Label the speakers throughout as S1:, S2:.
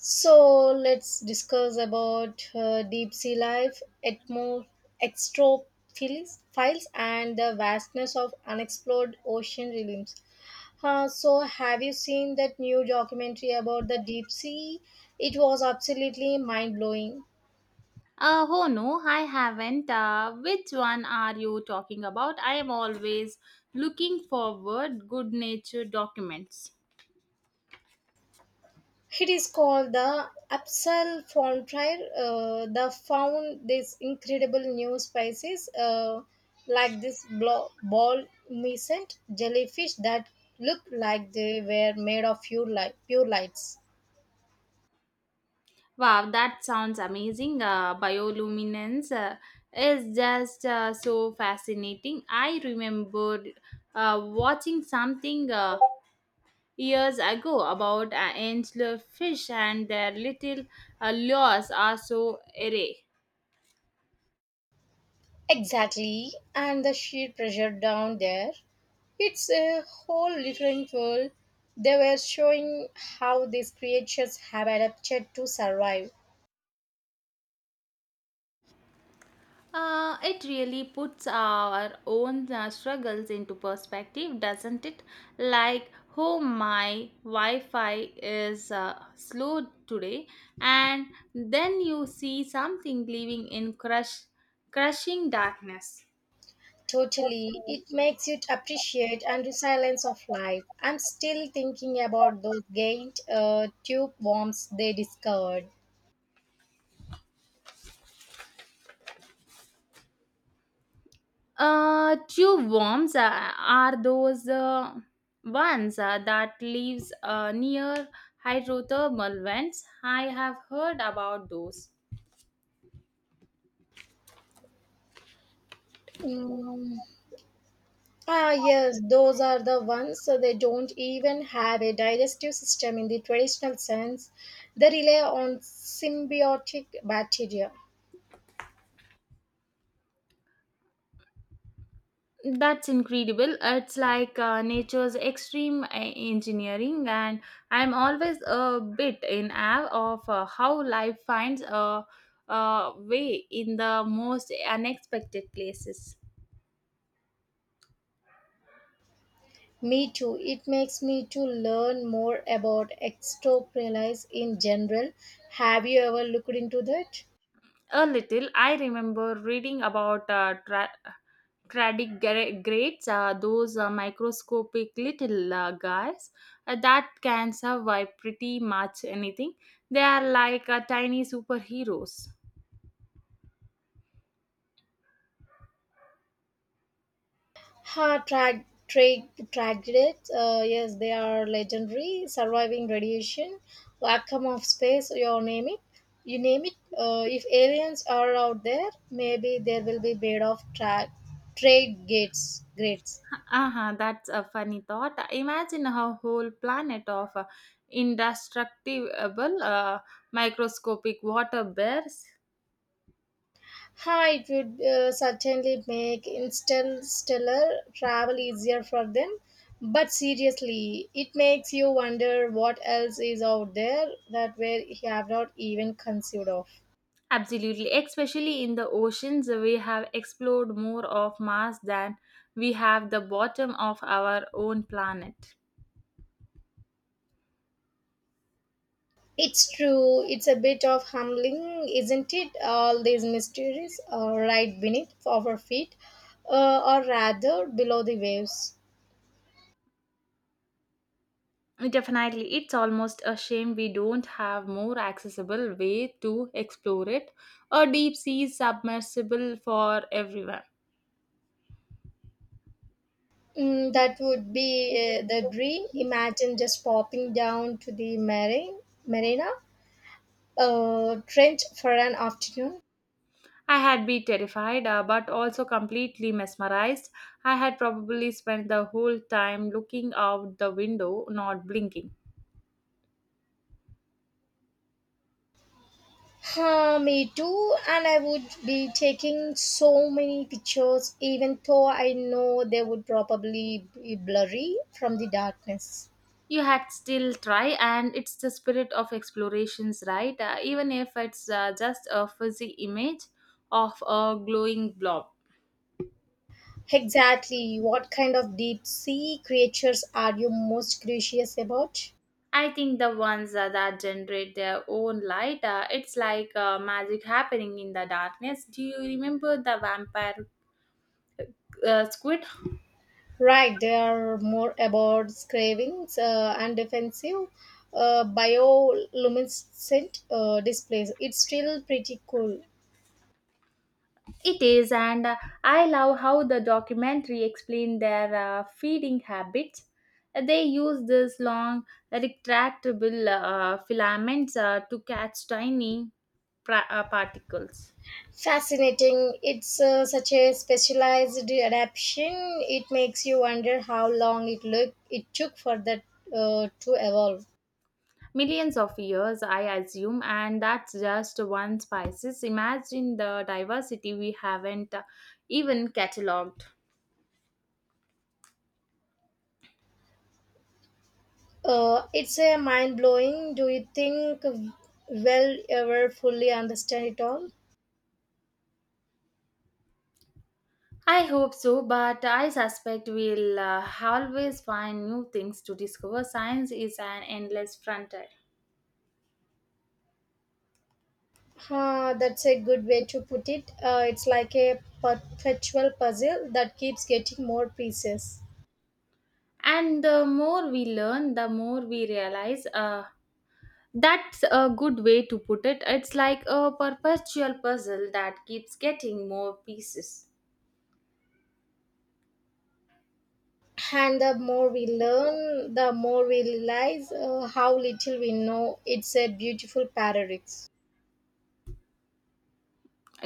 S1: So let's discuss about deep sea life, extrophiles files, and the vastness of unexplored ocean realms. So have you seen that new documentary about the deep sea? It was absolutely mind blowing.
S2: Oh no, I haven't. Which one are you talking about? I am always looking forward good nature documents.
S1: It is called the Apsal Frontier. They found these incredible new species like this ball miscent jellyfish that look like they were made of pure, light, pure lights.
S2: Wow, that sounds amazing. Bioluminescence is just so fascinating. I remember watching something years ago about angler fish and their little lures are so array.
S1: Exactly, and the sheer pressure down there. It's a whole different world. They were showing how these creatures have adapted to survive.
S2: It really puts our own struggles into perspective, doesn't it? Like, oh my Wi Fi is slow today, and then you see something living in crushing darkness.
S1: Totally. It makes you appreciate and resilience of life. I'm still thinking about those giant tube worms they discovered.
S2: Tube worms are those ones that lives near hydrothermal vents. I have heard about those.
S1: Mm. Ah, yes, those are the ones so they don't even have a digestive system in the traditional sense. They rely on symbiotic bacteria.
S2: That's incredible. It's like nature's extreme engineering, and I'm always a bit in awe of how life finds a way in the most unexpected places.
S1: Me too. It makes me to learn more about extroprylis in general. Have you ever looked into that?
S2: A little, I remember reading about tardigrades, those microscopic little guys that can survive pretty much anything. They are like tiny superheroes.
S1: Ha, tragedies. Yes, they are legendary. Surviving radiation, vacuum of space. You name it. You name it. If aliens are out there, maybe there will be made of trade gates. Grades.
S2: Uh-huh, that's a funny thought. Imagine a whole planet of indestructible microscopic water bears.
S1: Ha, it would certainly make interstellar travel easier for them. But seriously, it makes you wonder what else is out there that we have not even conceived of.
S2: Absolutely, especially in the oceans, we have explored more of Mars than we have the bottom of our own planet.
S1: It's true. It's a bit of humbling, isn't it? All these mysteries are right beneath our feet, or rather below the waves.
S2: Definitely, it's almost a shame we don't have more accessible way to explore it. A deep sea submersible for everyone.
S1: Mm, that would be the dream. Imagine just popping down to the marina trench for an afternoon.
S2: I had been terrified, but also completely mesmerized. I had probably spent the whole time looking out the window, not blinking.
S1: Huh, me too, and I would be taking so many pictures, even though I know they would probably be blurry from the darkness.
S2: You had still try, and it's the spirit of explorations, right? Even if it's just a fuzzy image of a glowing blob.
S1: Exactly. What kind of deep sea creatures are you most curious about?
S2: I think the ones that generate their own light, it's like magic happening in the darkness. Do you remember the vampire squid?
S1: Right, they are more about cravings and defensive bioluminescent displays. It's still pretty cool.
S2: It is, and I love how the documentary explained their feeding habits. They use these long, retractable filaments to catch tiny particles.
S1: Fascinating. It's such a specialized adaptation. It makes you wonder how long it took for that to evolve.
S2: Millions of years, I assume, and that's just one species. Imagine the diversity we haven't even catalogued.
S1: It's a mind blowing. Do you think we'll ever fully understand it all?
S2: I hope so, but I suspect we'll always find new things to discover. Science is an endless frontier.
S1: Huh, that's a good way to put it. It's like a perpetual puzzle that keeps getting more pieces.
S2: And the more we learn, the more we realize that's a good way to put it. It's like a perpetual puzzle that keeps getting more pieces.
S1: And the more we learn, the more we realize how little we know. It's a beautiful paradox.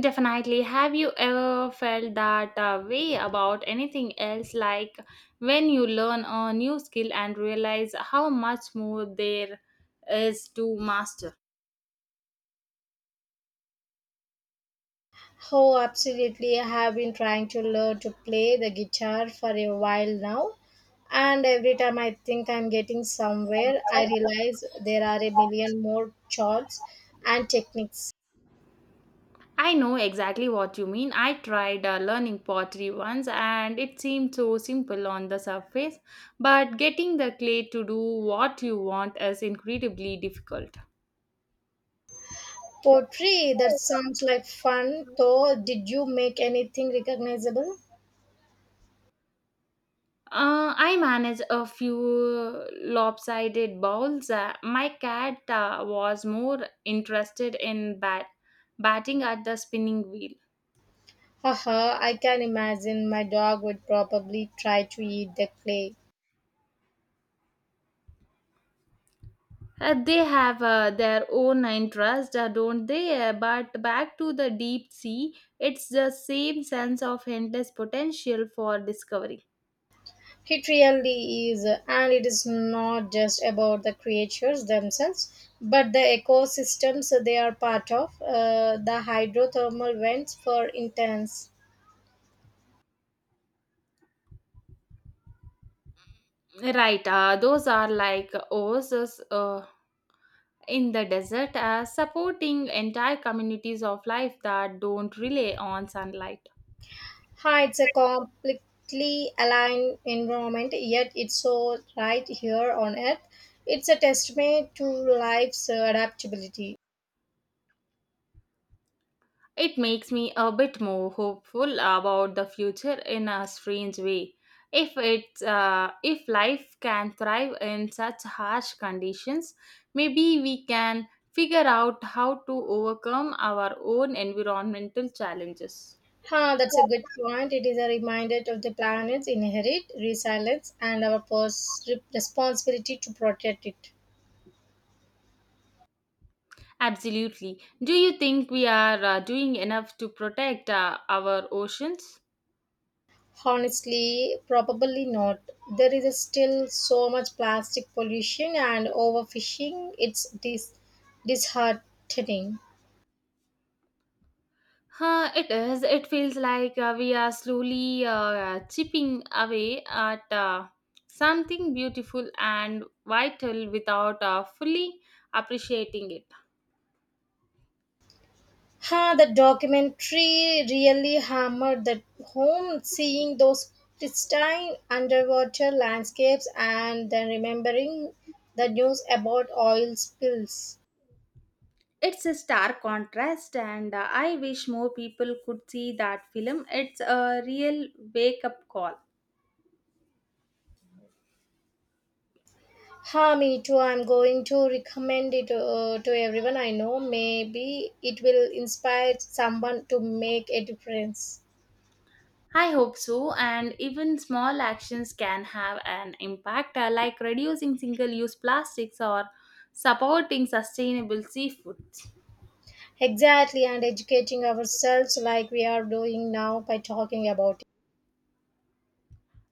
S2: Definitely. Have you ever felt that way about anything else? Like when you learn a new skill and realize how much more there is to master?
S1: Oh, absolutely. I have been trying to learn to play the guitar for a while now. And every time I think I'm getting somewhere, I realize there are a million more chords and techniques.
S2: I know exactly what you mean. I tried learning pottery once and it seemed so simple on the surface, but getting the clay to do what you want is incredibly difficult.
S1: Poetry, that sounds like fun, though. Did you make anything recognizable?
S2: I manage a few lopsided bowls. My cat was more interested in batting at the spinning wheel.
S1: Haha, I can imagine my dog would probably try to eat the clay.
S2: They have their own interest, don't they? But back to the deep sea, it's the same sense of endless potential for discovery.
S1: It really is, and it is not just about the creatures themselves, but the ecosystems they are part of. The hydrothermal vents, for instance,
S2: Right, those are like oases in the desert, supporting entire communities of life that don't rely on sunlight.
S1: hides a completely aligned environment, yet it's so right here on Earth. It's a testament to life's adaptability.
S2: It makes me a bit more hopeful about the future in a strange way. If life can thrive in such harsh conditions, maybe we can figure out how to overcome our own environmental challenges.
S1: Huh, that's a good point. It is a reminder of the planet's inherent resilience and our responsibility to protect it.
S2: Absolutely. Do you think we are doing enough to protect our oceans?
S1: Honestly, probably not. There is still so much plastic pollution and overfishing. It's disheartening.
S2: Huh, it is. It feels like we are slowly chipping away at something beautiful and vital without fully appreciating it.
S1: Huh, the documentary really hammered that home, seeing those pristine underwater landscapes and then remembering the news about oil spills.
S2: It's a stark contrast, and I wish more people could see that film. It's a real wake up call.
S1: Ha, me too. I'm going to recommend it to everyone I know. Maybe it will inspire someone to make a difference.
S2: I hope so, and even small actions can have an impact, like reducing single use plastics or supporting sustainable seafood.
S1: Exactly, and educating ourselves like we are doing now by talking about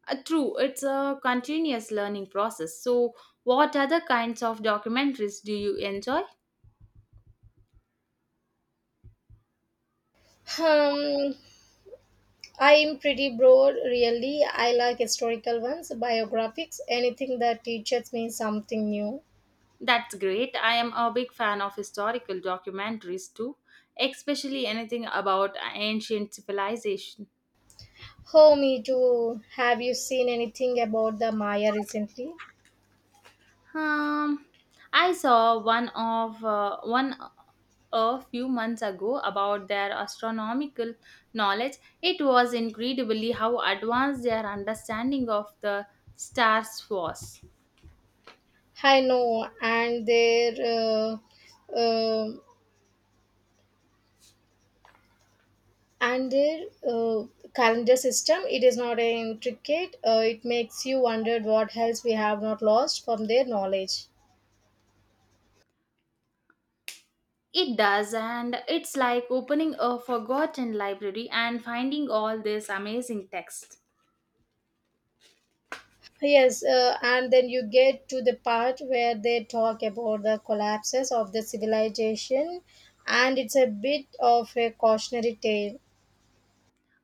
S2: True, it's a continuous learning process. So, what other kinds of documentaries do you enjoy?
S1: it. I am pretty broad, really. I like historical ones, biographics, anything that teaches me something new.
S2: That's great. I am a big fan of historical documentaries too, especially anything about ancient civilization.
S1: Oh, me too. Have you seen anything about the Maya recently?
S2: Um, I saw one a few months ago about their astronomical knowledge. It was incredibly how advanced their understanding of the stars was.
S1: I know, and their uh, um and their uh, calendar system it is not intricate it makes you wonder what else we have not lost from their knowledge.
S2: It does, and it's like opening a forgotten library and finding all this amazing text.
S1: Yes, and then you get to the part where they talk about the collapses of the civilization, and it's a bit of a cautionary tale.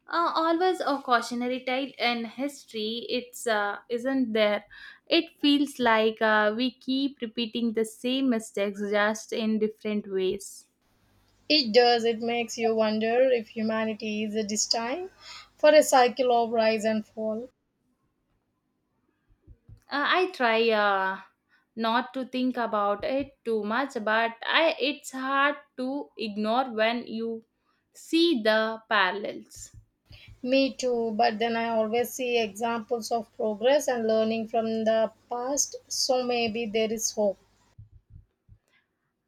S2: Always a cautionary tale in history, it's isn't there. It feels like we keep repeating the same mistakes just in different ways.
S1: It does. It makes you wonder if humanity is destined for a cycle of rise and fall.
S2: I try not to think about it too much, but it's hard to ignore when you see the parallels.
S1: Me too, but then I always see examples of progress and learning from the past, so maybe there is hope.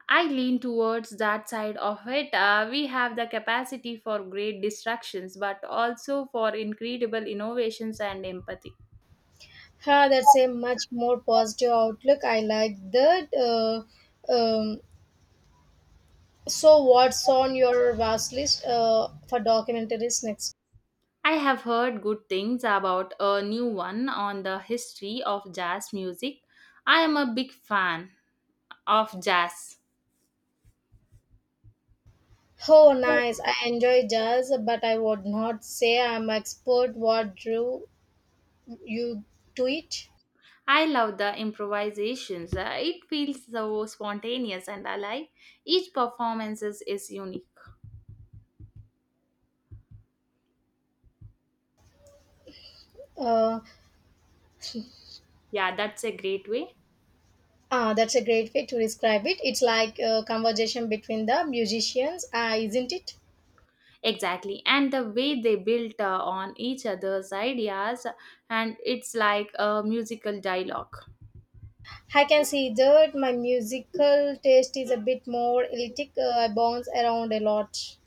S2: I lean towards that side of it. We have the capacity for great distractions, but also for incredible innovations and empathy.
S1: Ha, that's a much more positive outlook. I like that. So, what's on your vast list for documentaries next?
S2: I have heard good things about a new one on the history of jazz music. I am a big fan of jazz.
S1: Oh, nice. I enjoy jazz, but I would not say I'm expert. What drew you to it?
S2: I love the improvisations. It feels so spontaneous and alive. Each performance is unique.
S1: Uh,
S2: Yeah, that's a great way.
S1: that's a great way to describe it. It's like a conversation between the musicians, isn't it?
S2: Exactly. And the way they built on each other's ideas, and it's like a musical dialogue.
S1: I can see that my musical taste is a bit more eclectic. I bounce around a lot.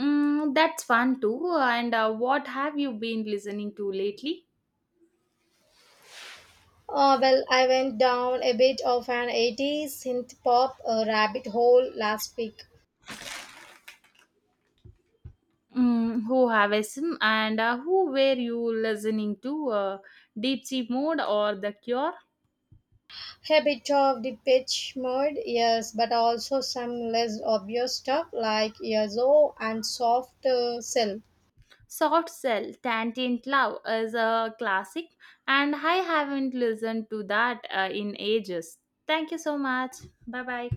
S2: Mm, that's fun too. And what have you been listening to lately?
S1: I went down a bit of an 80s synth pop rabbit hole last week.
S2: Mm, who have SM and who were you listening to? Deep Sea Mode or The Cure?
S1: A bit of the pitch mode, yes, but also some less obvious stuff like Yazoo and Soft Cell.
S2: Soft Cell, Tantient Love is a classic, and I haven't listened to that in ages. Thank you so much. Bye bye.